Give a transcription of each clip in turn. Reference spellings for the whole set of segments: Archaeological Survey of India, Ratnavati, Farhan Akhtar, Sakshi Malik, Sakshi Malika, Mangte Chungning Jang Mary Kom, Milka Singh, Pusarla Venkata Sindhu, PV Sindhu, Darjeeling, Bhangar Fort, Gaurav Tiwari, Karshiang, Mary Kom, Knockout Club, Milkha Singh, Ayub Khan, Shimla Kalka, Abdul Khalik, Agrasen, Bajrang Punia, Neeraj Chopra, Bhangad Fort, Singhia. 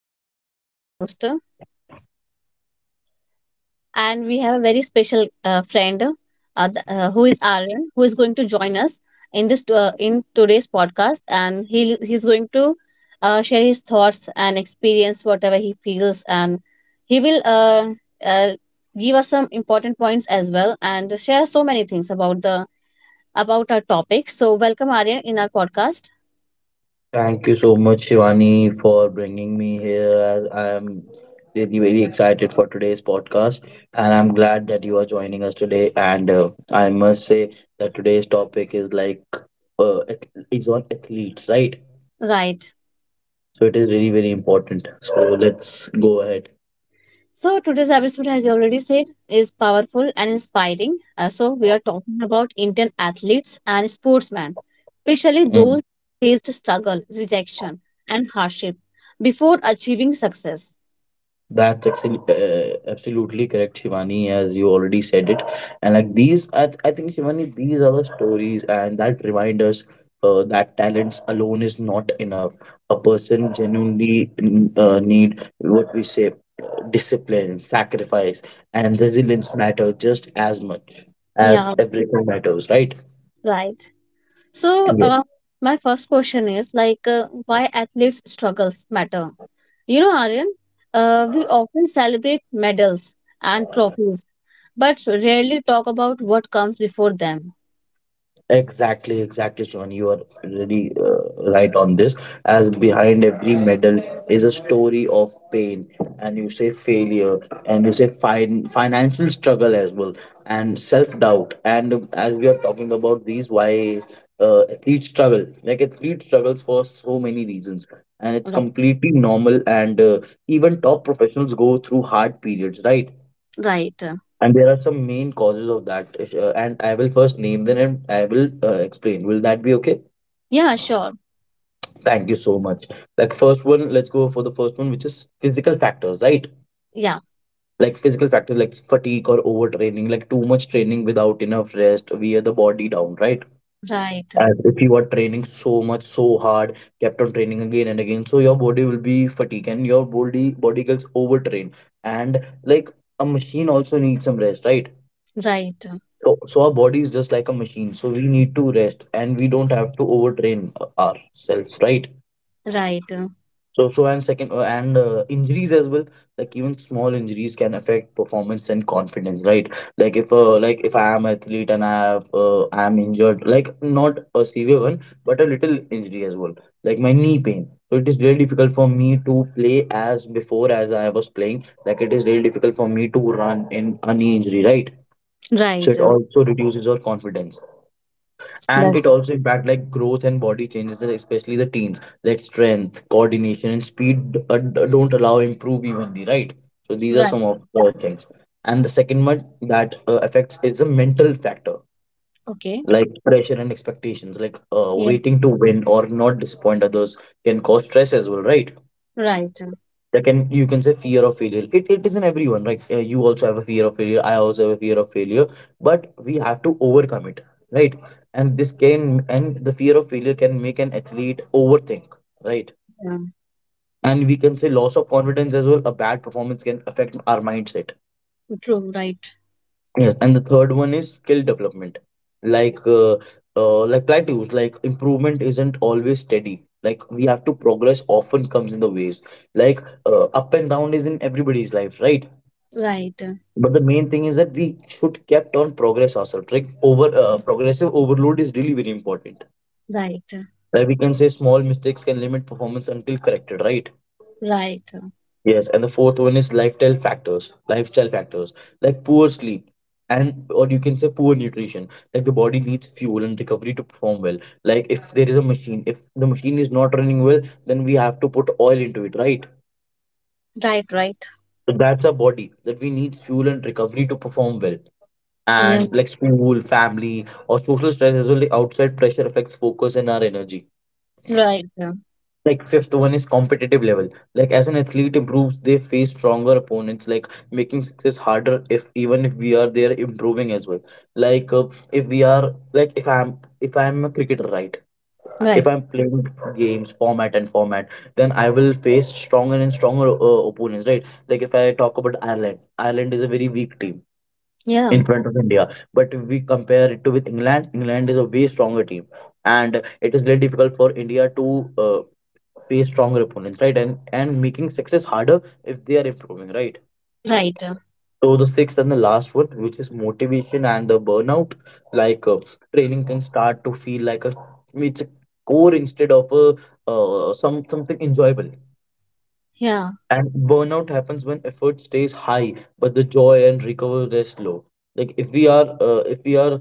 I'm Shivani, your host, and we have a very special friend who is Aryan, who is going to join us in this in today's podcast, and he's going to share his thoughts and experience whatever he feels, and he will uh, give us some important points as well, and share so many things about the about our topic. So, welcome Aryan in our podcast. Thank you so much, Shivani, for bringing me here. As I am really very excited for today's podcast, and I'm glad that you are joining us today. And I must say that today's topic is like is on athletes, right? Right. So it is really very important. So let's go ahead. So today's episode, as you already said, is powerful and inspiring. So we are talking about Indian athletes and sportsmen, especially those Mm. who faced struggle, rejection, and hardship before achieving success. That's actually absolutely correct, Shivani, as you already said it. And like these, I think, Shivani, these are the stories, and that remind us that talents alone is not enough. A person genuinely need what we say discipline, sacrifice, and resilience matter just as much as Yeah, everything matters, right? right. So my first question is like, why athletes' struggles matter? You know, Aryan, we often celebrate medals and trophies, but rarely talk about what comes before them. Exactly, exactly, Sean. You are really right on this. As behind every medal is a story of pain, and you say failure, and you say financial struggle as well, and self doubt. And as we are talking about these, why athletes struggle? Like athlete struggles for so many reasons, and it's Right. completely normal. And Even top professionals go through hard periods, right? Right. And there are some main causes of that. And I will first name them and I will explain. Will that be okay? Yeah, sure. Thank you so much. Like, first one, let's go for the first one, which is physical factors, right? Yeah, Like, physical factors like fatigue or overtraining, like too much training without enough rest, wear the body down, right? right, As if you are training so much, so hard, kept on training again and again, so your body will be fatigued and your body gets overtrained. And like a machine also needs some rest, right? right, So, so our body is just like a machine. So we need to rest, and we don't have to overtrain ourselves, right? right, So, so and second, and injuries as well. Like even small injuries can affect performance and confidence, right? Like if I am athlete and I have, I am injured, like not a severe one, but a little injury as well, like my knee pain. So it is very difficult for me to play as before as I was playing. Like it is very difficult for me to run in a knee injury, right? So right. it also reduces your confidence. And That's it also impact like growth and body changes like, especially the teens like strength coordination and speed don't allow improve evenly, right? So these are right. some of the things. And the second one that affects is a mental factor Okay. like pressure and expectations like Yeah, waiting to win or not disappoint others can cause stress as well, right? right. That can you can say fear of failure, it is in everyone, right? You also have a fear of failure. I also have a fear of failure, but we have to overcome it, right? And this can and the fear of failure can make an athlete overthink, right? Yeah, And we can say loss of confidence as well. A bad performance can affect our mindset. true. Right, Yes, and the third one is skill development. like uh, like plateaus like improvement isn't always steady, like we have to progress often comes in the ways, like up and down is in everybody's life, right? right, But the main thing is that we should kept on progress ourselves. Like over progressive overload is really very important. right, Where we can say small mistakes can limit performance until corrected, right? right, Yes, and the fourth one is lifestyle factors. Lifestyle factors like poor sleep and or you can say poor nutrition. Like the body needs fuel and recovery to perform well. Like if there is a machine, if the machine is not running well, then we have to put oil into it, right? right, right. So that's our body that we need fuel and recovery to perform well. And Yeah, like school, family, or social stress as well. The outside pressure affects focus and our energy. right, Like fifth one is competitive level. Like as an athlete improves, they face stronger opponents. Like making success harder if even if we are there improving as well. Like uh, if we are like if I'm a cricketer, right? If right. I'm playing games format and format, then I will face stronger and stronger opponents, right? Like if I talk about Ireland, Ireland is a very weak team Yeah, in front of India. But if we compare it to with England, England is a way stronger team, and it is very difficult for India to uh, face stronger opponents, right? And making success harder if they are improving, right? right. So the sixth and the last one, which is motivation and the burnout, like training can start to feel like a core instead of a something enjoyable. Yeah, And burnout happens when effort stays high, but the joy and recovery is low. Like if we are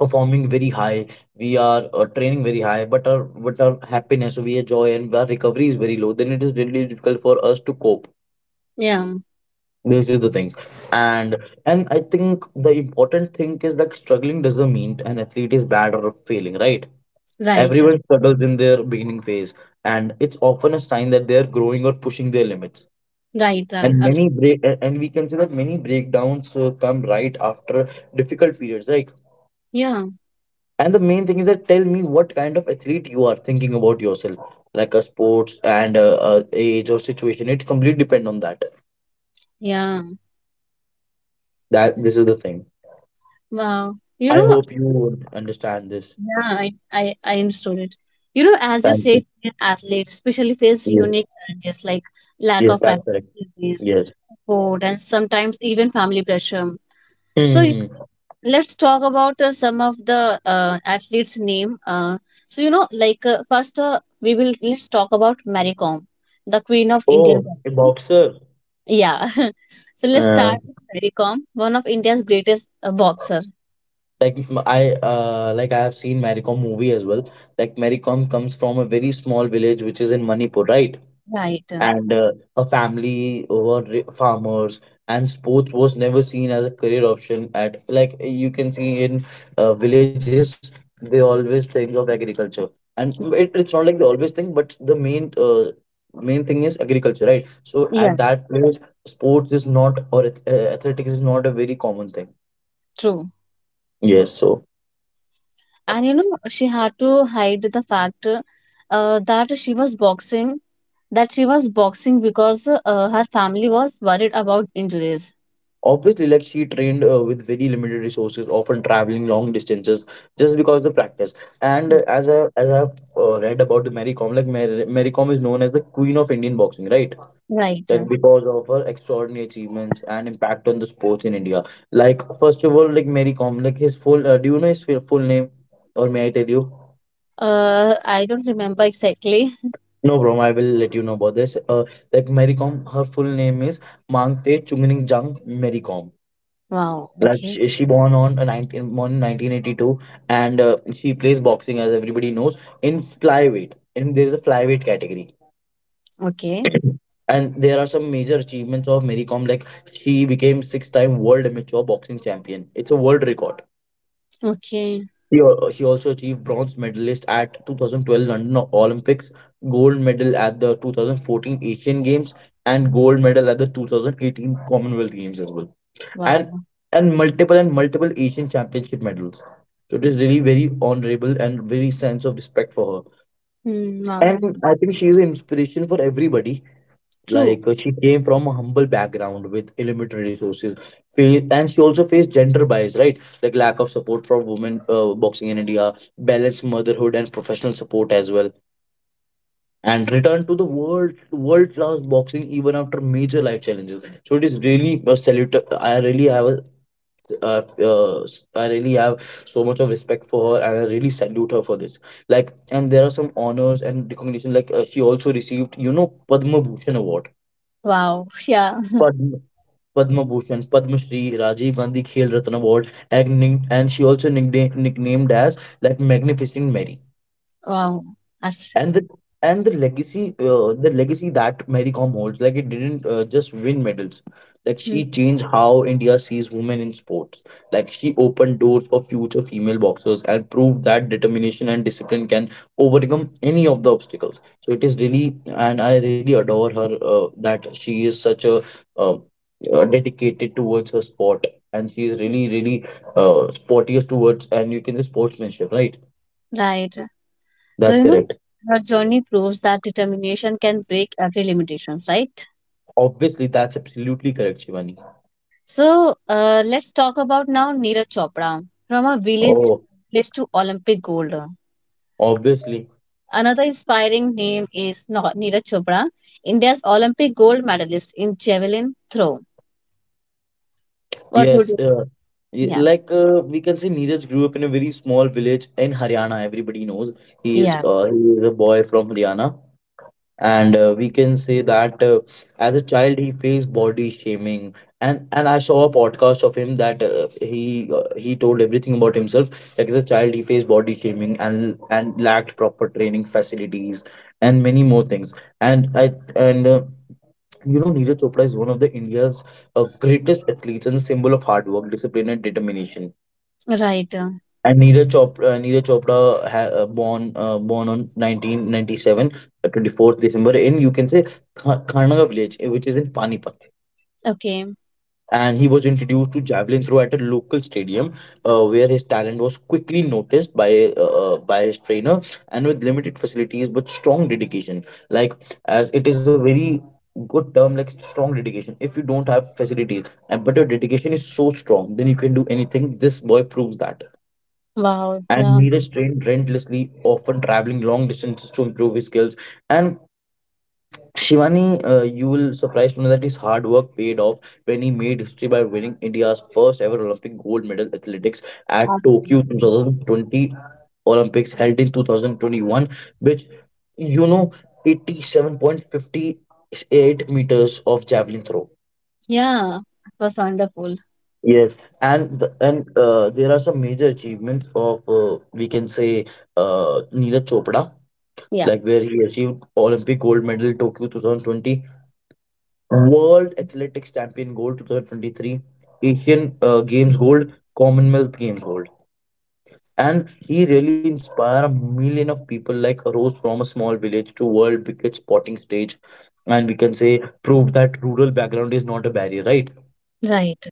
performing very high, we are training very high, but our happiness we are joy and our recovery is very low, then it is really difficult for us to cope. yeah, These are the things. and and I think the important thing is that struggling doesn't mean an athlete is bad or failing, right? right, Everyone struggles in their beginning phase, and it's often a sign that they are growing or pushing their limits. right. And uh, many break a- and we can say that many breakdowns come right after difficult periods, right? Yeah, And the main thing is that tell me what kind of athlete you are thinking about yourself, like a sports and age or situation. It completely depend on that. yeah. That this is the thing. Wow. You I know, hope you would understand this. yeah, I understood it. You know, as you Thank said, you. athletes especially face Yes, unique challenges like lack yes, of that's correct. activities, Yes. support, and sometimes even family pressure. So y- Hmm. let's talk about some of the athletes' name. So you know, like first we will let's talk about Mary Kom, the queen of Indian Oh, a boxing. boxer. Yeah. So let's Uh, start with Mary Kom, one of India's greatest boxer. I like I have seen Maricom movie as well. Like Maricom comes from a very small village which is in Manipur, right? Right. And her family were farmers, and sports was never seen as a career option at like you can see in villages, they always think of agriculture. And it's not like they always think, but the main main thing is agriculture, right? So at Yeah. that place sports is not or athletics is not a very common thing. True. Yes. So And you know she had to hide the fact that she was boxing because her family was worried about injuries. obviously like she trained with very limited resources, often traveling long distances just because of the practice. And Hmm. As I as I've read about the Mary Kom, like Mary Kom is known as the queen of Indian boxing, right? Right. Like because of her extraordinary achievements and impact on the sports in India. Like first of all, like Mary Kom, like his full do you know his full name, or may I tell you? I don't remember exactly. No bro, I will let you know about this. Like Mary Kom, her full name is Mangte Chungning Jang Mary Kom. Wow, Like okay. she born on a 19 born 1982. And she plays boxing as everybody knows in flyweight, and there is a flyweight category. Okay. And there are some major achievements of Mary Kom. Like she became 6 time world amateur boxing champion. It's a world record. Okay. She also achieved bronze medalist at 2012 London Olympics, gold medal at the 2014 Asian Games, and gold medal at the 2018 Commonwealth Games as well. And Wow. Multiple Asian championship medals. So it is really very honorable and very sense of respect for her. Hmm, wow. And I think she is an inspiration for everybody. True. Like she came from a humble background with limited resources. And she also faced gender bias, right? Like lack of support for women boxing in India, balanced motherhood and professional support as well, and returned to the world class boxing even after major life challenges. So it is really a salute. I really have uh, uh, I really have so much of respect for her, and I really salute her for this. Like, and there are some honors and recognition. Like, she also received, you know, Padma Bhushan Award. Wow. Yeah. Padma. Padma Bhushan, Padma Shri, Rajiv Gandhi Khel Ratna Award, and, she also nicknamed as like Magnificent Mary. Wow, that's true. And the legacy the legacy that Mary Kom holds, like it didn't just win medals. Like Hmm. she changed how India sees women in sports. Like she opened doors for future female boxers and proved that determination and discipline can overcome any of the obstacles. So it is really, and I really adore her that she is such a uh, dedicated towards her sport, and she is really sportiest towards, and you can say sportsmanship, right? Right. So That's you know correct. her journey proves that determination can break every limitations, right? Obviously, that's absolutely correct, Shivani. So let's talk about now Neeraj Chopra, from a village Oh, place to Olympic gold. obviously. Another inspiring name is Neeraj Chopra, India's Olympic gold medalist in javelin throw. What would Yes. you? Yeah, Like we can say, Neeraj grew up in a very small village in Haryana. Everybody knows he is yeah, uh, he is a boy from Haryana. And we can say that, as a child he faced body shaming, and I saw a podcast of him that he told everything about himself, like as a child he faced body shaming and lacked proper training facilities and many more things. And I and you know, Neeraj Chopra is one of the India's greatest athletes and a symbol of hard work, discipline, and determination. right. And Neeraj Chopra, Neeraj Chopra ha, born born on 1997, 24th December in, you can say, Kharnaga village, which is in Panipat. Okay. And he was introduced to javelin throw at a local stadium, where his talent was quickly noticed by his trainer, and with limited facilities but strong dedication. Like, as it is a very good term, like strong dedication. If you don't have facilities, and but your dedication is so strong, then you can do anything. This boy proves that. Wow. And Yeah. Neeraj trained relentlessly, often traveling long distances to improve his skills. And Shivani, you will surprised to know that his hard work paid off when he made history by winning India's first ever Olympic gold medal athletics at Uh, Tokyo 2020 Olympics held in 2021, which, you know, 87.58 meters of javelin throw. yeah. It was wonderful. Yes, and there are some major achievements of, we can say, Neeraj Chopra, Yeah. like where he achieved Olympic gold medal Tokyo 2020, World Athletics Champion gold 2023, Asian Games gold, Commonwealth Games gold. And he really inspired a million of people, like rose from a small village to world biggest sporting stage. And we can say prove that rural background is not a barrier, right? Right.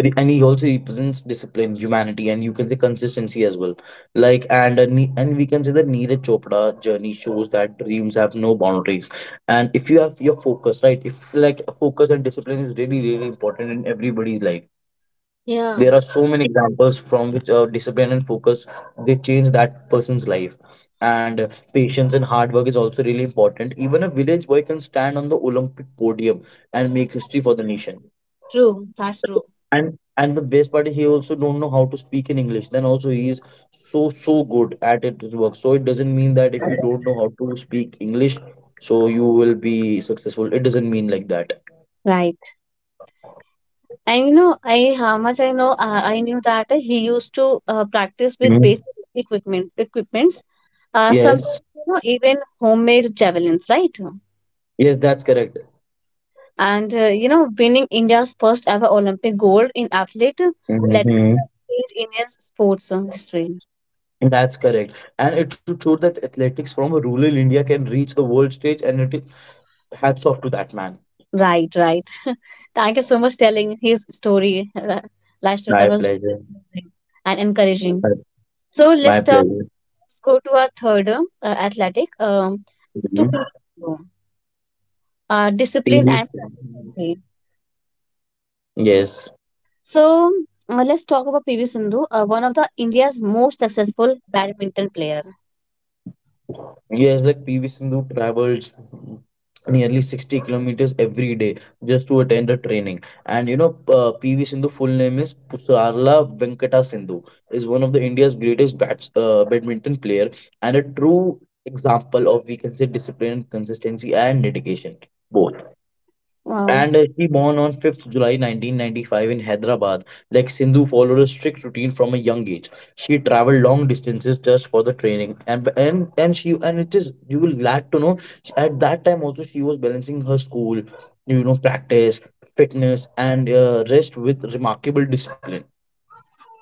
And he also represents discipline, humanity, and, you can say, consistency as well. Like, and we can say that Neeraj Chopra journey shows that dreams have no boundaries, and if you have your focus right, if like focus and discipline is really really important in everybody's life. There are Yeah. so many examples from which, discipline and focus, they change that person's life. And patience and hard work is also really important. Even a village boy can stand on the Olympic podium and make history for the nation. True. That's true. And the best part, he also don't know how to speak in English, then also he is so good at it, his work. So it doesn't mean that if you don't know how to speak English, so you will be successful. It doesn't mean like that. Right. And you know, I how much I know, I knew that he used to practice with Mhm. basic equipments Yes, sometimes, you know, even homemade javelins, right? yes, that's correct. And you know, winning India's first ever Olympic gold in athlete let Mhm. is Indian sports history. That's correct. And it should show that athletics from a rural India can reach the world stage, and it is hats off to that man. Right, right. Thank you so much telling his story, My Lashtra. That was pleasure. really amazing and my encouraging. So my let's talk, pleasure. go to our third athletic Mhm. to P. Uh, discipline TV. and consistency. Yes. So let's talk about PV Sindhu, one of the India's most successful badminton player. Yes, like PV Sindhu travels nearly 60 kilometers every day just to attend a training. And, you know, PV Sindhu full name is Pusarla Venkata Sindhu, is one of the India's greatest badminton player and a true example of, we can say, discipline, consistency, and dedication. Both. Wow. And she born on 5th July 1995 in Hyderabad. Like Sindhu followed a strict routine from a young age. She traveled long distances just for the training, and it is you will glad to know at that time also she was balancing her school, you know, practice, fitness, and, rest with remarkable discipline.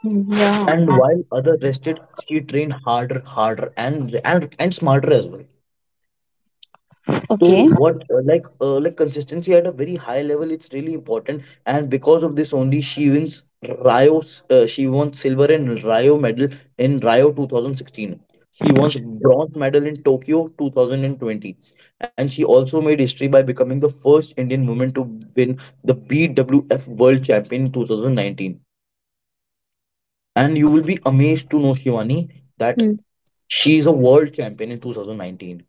Mm, yeah. And while other rested, she trained harder, harder, and smarter as well. So Okay. what, like consistency at a very high level, it's really important, and because of this only she wins she won silver and Rio medal in Rio 2016. She won bronze medal in Tokyo 2020, and she also made history by becoming the first Indian woman to win the BWF World Champion in 2019. And you Wow. will be amazed to know, Shivani, that Hmm. she is a world champion in 2019,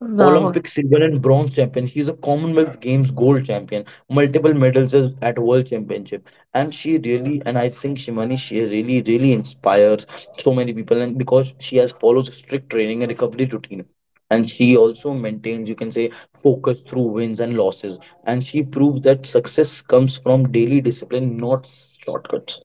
Wow. Olympic silver and bronze champion. She's a Commonwealth Games gold champion, multiple medals at World Championship, and she really, and I think Shimani, she really really inspires so many people, and because she has follows strict training and recovery routine, and she also maintains, you can say, focus through wins and losses, and she proves that success comes from daily discipline, not shortcuts.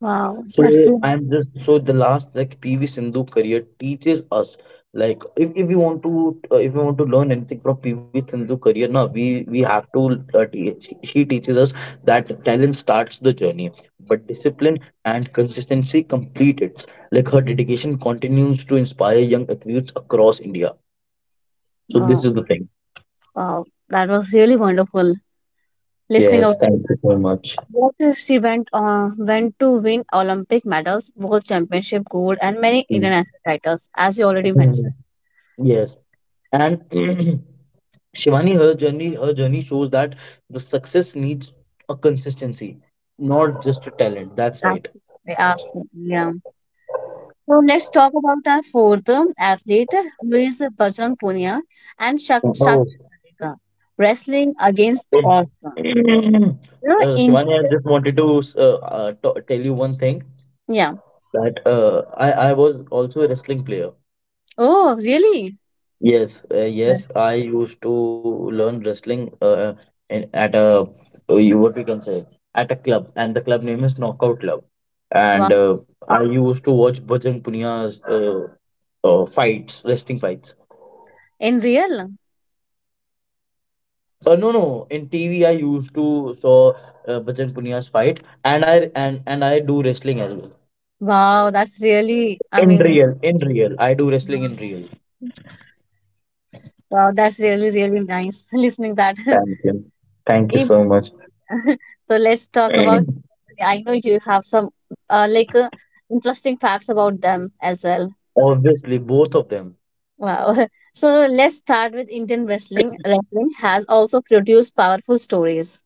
Wow. So, That's so. I'm just, so the last, like PV Sindhu career teaches us, like if we want to, if we want to learn anything from PV Sindhu career, now we have to, she teaches us that talent starts the journey but discipline and consistency complete it. Like her dedication continues to inspire young athletes across India. So this is Wow. the thing. Wow. That was really wonderful. Listening Yes, about thank you so much. what if she went on went to win Olympic medals, world championship gold, and many Mm. international titles, as you already mentioned. Mm. Yes. And Shivani, her journey shows that the success needs a consistency, not just a talent. That's right. Absolutely. Absolutely. Yeah. So let's talk about our fourth athlete, who is Bajrang Punia and Oh. Sakshi Malika, wrestling Uh, against odds. You know, Indian, Shivani, I just wanted to tell you one thing yeah. that, uh, I was also a wrestling player. Oh, really? Yes, Yeah. yes, I used to learn wrestling, in, at a, what we can say, at a club, and the club name is Knockout Club. And Wow. I used to watch Bajrang Punia's fights, wrestling fights. In real? No, no, in TV I used to saw Bajrang Punia's fight, and I do wrestling as well. Wow, that's really amazing. In real, I do wrestling in Wow. real. Wow, that's really, really nice listening that. Thank you, thank you If- so much. so let's talk about, I know you have some uh, like uh, interesting facts about them as well. Obviously, both of them. Wow. So let's start with Indian wrestling. Wrestling has also produced powerful stories.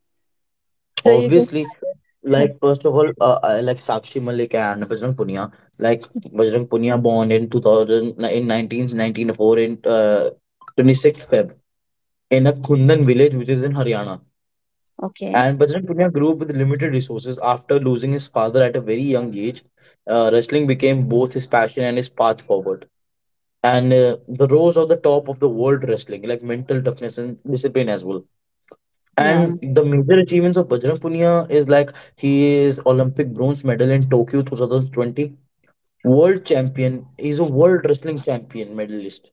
So you can Obviously, start it. like first of all, I like Sakshi Malik and Bajrang Punia. Like Bajrang Punia born in in 1994, in 26th Feb, in a Kundan village which is in Haryana. Okay. And Bajrang Punia grew up with limited resources after losing his father at a very young age. Wrestling became both his passion and his path forward. And the rose of the top of the world wrestling, like mental toughness and discipline as well. Yeah. And the major achievements of Bajrang Punia is like he is Olympic bronze medal in Tokyo 2020, world champion. He's a world wrestling champion medalist.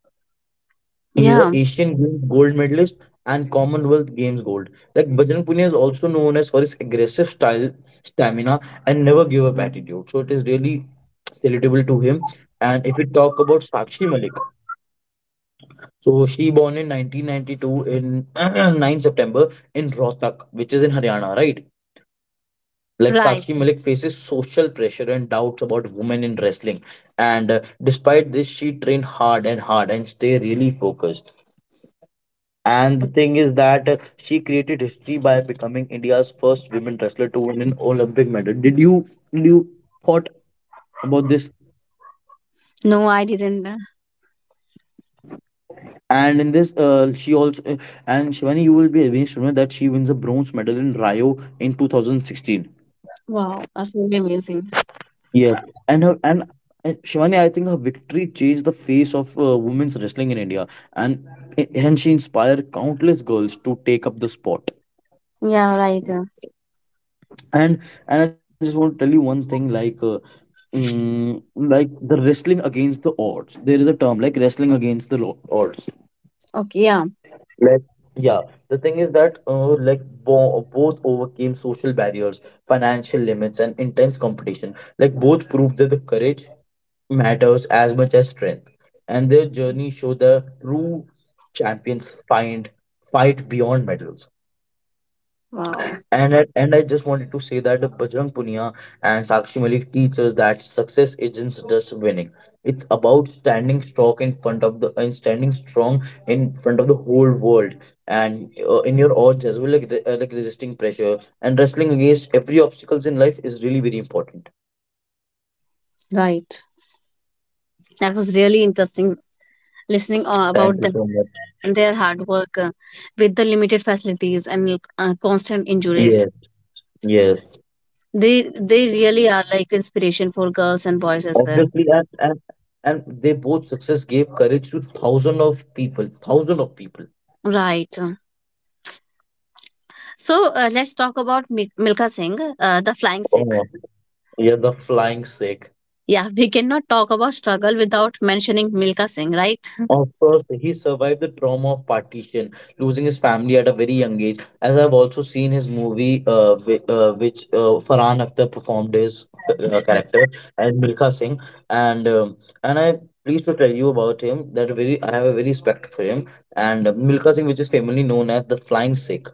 He's a Yeah. Asian Games gold medalist and Commonwealth Games gold. Like Bajrang Punia is also known as for his aggressive style, stamina, and never give up attitude. So it is really salutable to him. And if we talk about Sakshi Malik, so she born in 1992, in 9 September, in Rohtak, which is in Haryana, right? Like Right. Sakshi Malik faces social pressure and doubts about women in wrestling. And despite this, she trained hard and hard and stay really focused. And the Oh, thing is that, she created history by becoming India's first women wrestler to win an Olympic medal. Did you thought about this? no, I didn't. And in this, she also and Shivani, you will be amazed to know that she wins a bronze medal in Rio in 2016. Wow. That's really amazing. Yeah, and her and, Shivani, I think her victory changed the face of, women's wrestling in India, and and she inspired countless girls to take up the sport. Yeah, right. And and I just want to tell you one thing, like. Like the wrestling against the odds. There is a term like wrestling against the odds. Okay. Yeah. Like, yeah, the thing is that, like bo both overcame social barriers, financial limits, and intense competition. Like both proved that the courage matters as much as strength, and their journey showed the true champions find fight beyond medals. Wow. And I just wanted to say that Bajrang Punia and Sakshi Malik teach us that success isn't just winning. It's about standing strong in front of the whole world and, in your odds as well, like, like resisting pressure and wrestling against every obstacles in life is really very important. Right. That was really interesting listening Thank about you them so much. and their hard work with the limited facilities and constant Yes, injuries. yes. They really are like inspiration for girls and boys as well. Obviously, and they both success gave courage to thousands of people, thousands of people. Right. So let's talk about Milka Singh, the flying Sikh. Oh, yeah, the flying sick. Yeah, we cannot talk about struggle without mentioning Milka Singh, right? Of course, he survived the trauma of partition, losing his family at a very young age. As I've also seen his movie, which, Farhan Akhtar performed his character as Milkha Singh, and I pleased to tell you about him that very I have a very respect for him. And Milkha Singh, which is famously known as the Flying Sikh,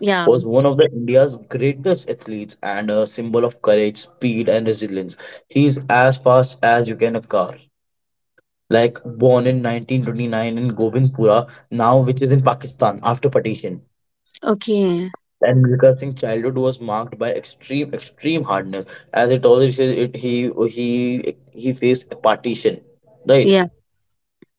Yeah. was one of the India's greatest athletes and a symbol of courage, speed, and resilience. He's as fast as you can a car, like born in 1929 in Govindpura, now which is in Pakistan after partition. Okay. And Milkar Singh's childhood was marked by extreme hardness, as it always says. It he faced partition, right? Yeah.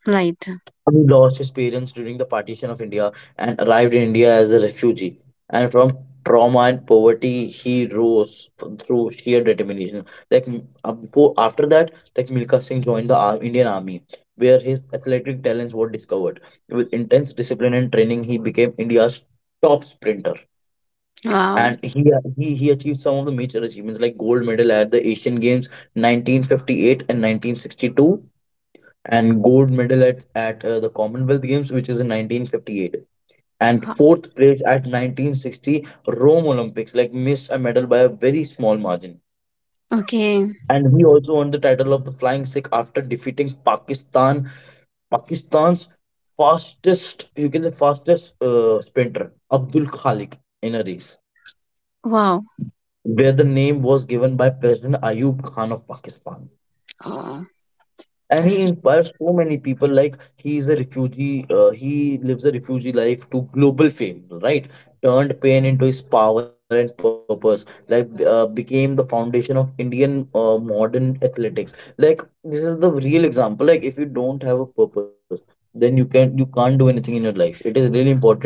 Right. Who lost his parents during the partition of India and arrived in India as a refugee. And from trauma and poverty, he rose through sheer determination. Before, after that, like Milkha Singh joined the Indian Army, where his athletic talents were discovered. With intense discipline and training, he became India's top sprinter. Wow. And he achieved some of the major achievements, like gold medal at the Asian Games 1958 and 1962, and gold medal at, the Commonwealth Games, which is in 1958, and Ho- fourth place at 1960 Rome Olympics, like missed a medal by a very small margin. Okay. And he also won the title of the Flying Sikh after defeating Pakistan's fastest, you can say fastest sprinter, Abdul Khalik, in a race, Wow. where the name was given by President Ayub Khan of Pakistan. Oh, And he that's inspires so many people. Like he is a refugee, he lives a refugee life to global fame, right? Turned pain into his power and purpose. Became the foundation of Indian modern athletics. Like this is the real example. Like if you don't have a purpose, then you can't do anything in your life. It is really important to have a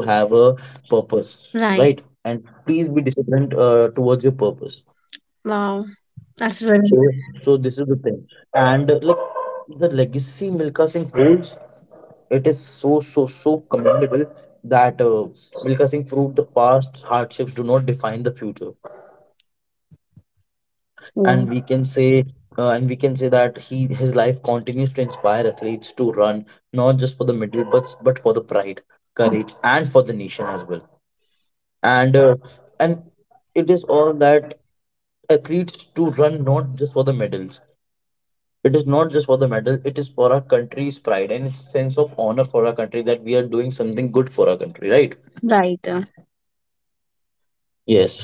purpose, right? And right. please be disciplined towards your purpose. Wow. So, That's so really this is the thing. And like the legacy Milka Singh holds, it is so so so commendable, that Milka Singh proved the past hardships do not define the future. and we cool. can say uh, and we can say that he his life continues to inspire athletes to run not just for the medal, but for the pride, courage, and for the nation as well. And uh, and it is all that athletes to run not just for the medals. It is not just for the medal, it is for our country's pride and it's sense of honor for our country, that we are doing something good for our country, right? Right. Yes.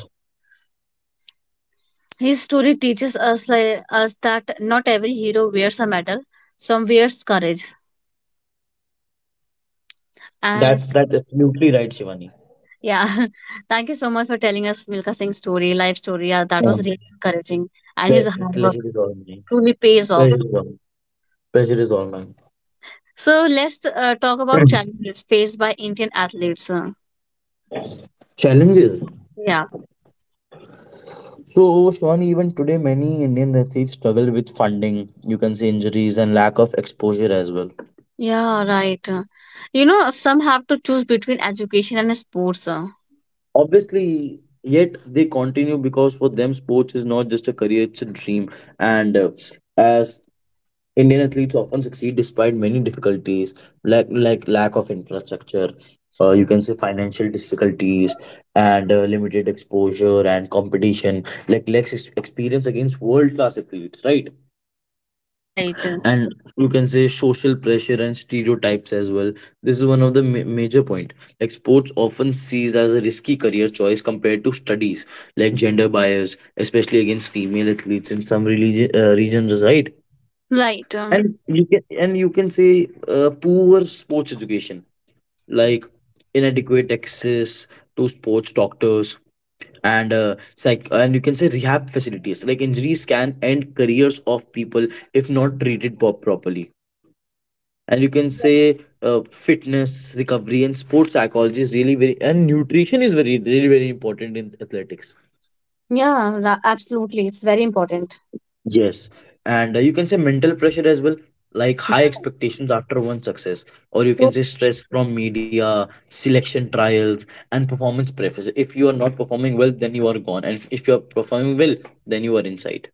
His story teaches us like, us that not every hero wears a medal. Some wears courage. And That that's absolutely right, Shivani. yeah, thank you so much for telling us Milka Singh's story, life story. Yeah, that was Um, really encouraging, and the his hard work pleasure is all mine. truly pays Pleasure off. is all. Pleasure is all mine. So let's talk about challenges faced by Indian athletes. Challenges. Yeah, So, Shivani, even today, many Indian athletes struggle with funding, you can say injuries and lack of exposure as well. yeah, right. You know, some have to choose between education and sports. Obviously, yet they continue because for them, sports is not just a career, it's a dream. And as Indian athletes often succeed despite many difficulties, like lack of infrastructure, you can say financial difficulties, and limited exposure and competition, like less experience against world class athletes, right? Right, And you can say social pressure and stereotypes as well. This is one of the major point. Like sports often sees as a risky career choice compared to studies, like gender bias, especially against female athletes in some regions, right? right. And you can say poor sports education, like inadequate access to sports doctors, and you can say rehab facilities. Like injuries can end careers of people if not treated properly. And you can say uh, Fitness recovery and sports psychology is really very, and nutrition is very really very important in athletics. Yeah, absolutely. It's very important. Yes, and you can say mental pressure as well, like high expectations after one success, or you can So, say stress from media, selection trials, and performance pressure. If you are not performing well, then you are gone, and if you are performing well, then you are inside.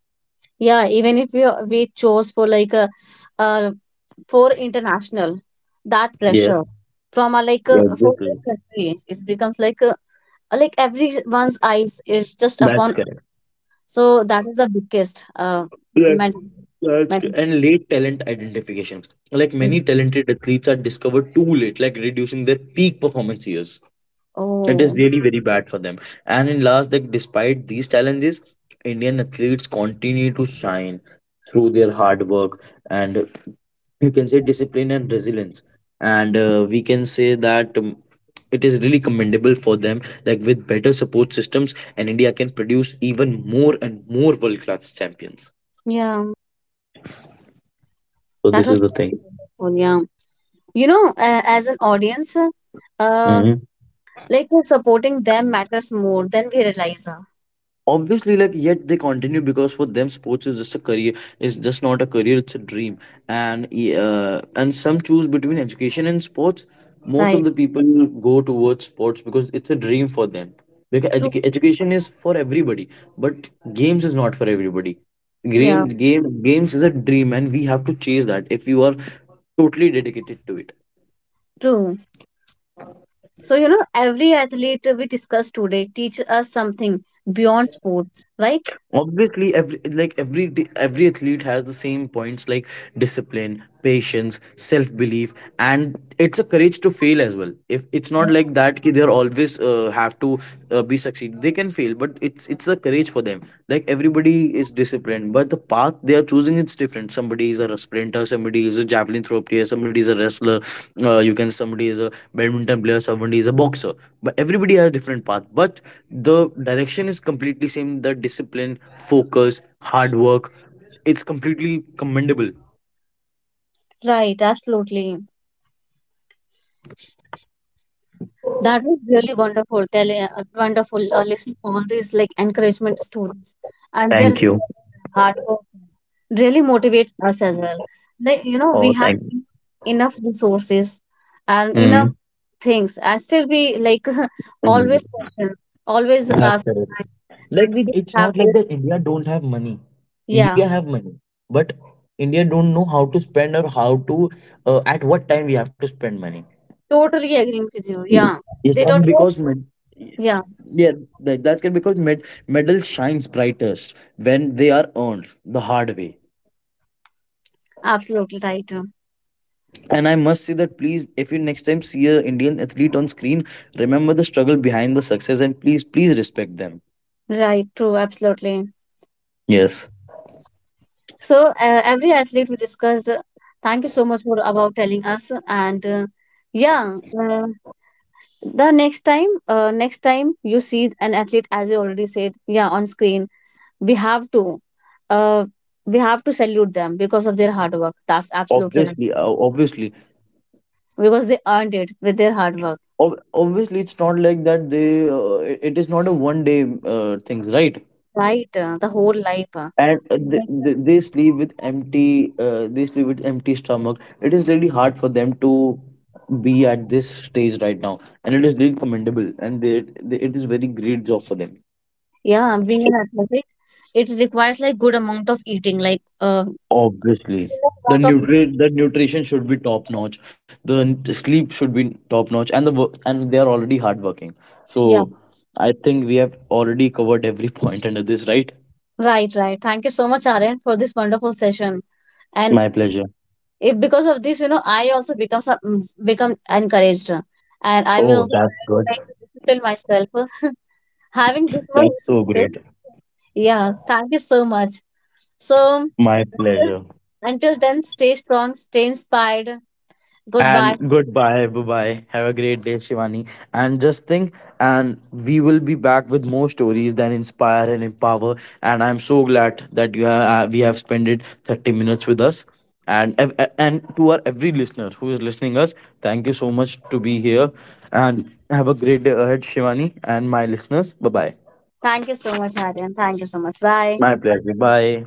yeah, even if we we chose for like a for international, that Yeah, pressure from a like a yeah, foreign exactly. country, it becomes like a like everyone's eyes is just That's upon, correct. so that is the biggest Yes, mental, that's mental. correct. And late talent identification, like many talented athletes are discovered too late, like reducing their peak performance years. It is Oh, really very bad for them. And in last, that despite these challenges, Indian athletes continue to shine through their hard work and you can say discipline and resilience. And we can say that it is really commendable for them. Like with better support systems, and India can produce even more and more world class champions. yeah, So that this was. is the thing. Oh, yeah. You know, as an audience, uh, supporting them matters more than we realize. Obviously, like yet they continue because for them sports is just a career. It's just not a career, it's a dream. And some choose between education and sports. Most of Right. the people go towards sports because it's a dream for them, because True. Education is for everybody, but games is not for everybody. Yeah. Games is a dream, and we have to chase that, if you are totally dedicated to it. True. So, you know, every athlete we discussed today teaches us something beyond sports, right? Obviously every, like every athlete has the same points, like discipline, patience, self belief, and it's a courage to fail as well. If it's not like that ki they're always have to be succeed, they can fail, but it's a courage for them. Like everybody is disciplined, but the path they are choosing is different. Somebody is a sprinter, somebody is a javelin throw player, somebody is a wrestler. You can somebody is a badminton player, somebody is a boxer. But everybody has different path, but the direction is completely same. The discipline, focus, hard work, it's completely commendable. Right, absolutely. That was really wonderful. Tell, wonderful listening all these like encouragement stories, and their Thank you. hard work really motivates us as well. Like you know, Oh, we have thank. You. enough resources and enough Mm. things, and still we like always Mm. question, always That's ask. correct. Like We don't it's have not like this. that India don't have money. India Yeah, have money, but India don't know how to spend, or how to, at what time we have to spend money. totally agreeing with you. Yeah, Yes, they and don't know. because Yeah, yeah, like that's good, because medal shines brightest when they are earned the hard way. absolutely right. And I must say that please, if you next time see a Indian athlete on screen, remember the struggle behind the success, and please, please respect them. Right, true, absolutely. Yes. So every athlete we discussed. Thank you so much for about telling us. And yeah, uh, the next time you see an athlete, as you already said, yeah, on screen, we have to, uh, we have to salute them because of their hard work. That's absolutely right. Obviously, obviously. Because they earned it with their hard work, Obviously it's not like that they it it is not a one day thing, right? right? The whole life. Uh, They sleep with empty stomach. It is really hard for them to be at this stage right now, and it is really commendable, and it is very great job for them. yeah, being an athletic, it requires like good amount of eating, like Obviously good the amount of. nutri the nutrition should be top notch, the sleep should be top notch, and the work, and they are already hardworking, so Yeah. I think we have already covered every point under this, right? Right, right. Thank you so much, Aryan, for this wonderful session. And My pleasure. if because of this, you know, I also become some become encouraged, and I will Oh, also that's try to good. like discipline myself having this much That's so success. great. Yeah, thank you so much. So My pleasure. until then, stay strong, stay inspired. Goodbye. And goodbye. Bye bye. Have a great day, Shivani. And just think, and we will be back with more stories that inspire and empower. And I'm so glad that we have spent it 30 minutes with us. And and to our every listener who is listening us, thank you so much to be here. And have a great day ahead, Shivani, and my listeners. Bye bye. Thank you so much, Aryan. Thank you so much. Bye. My pleasure. Bye.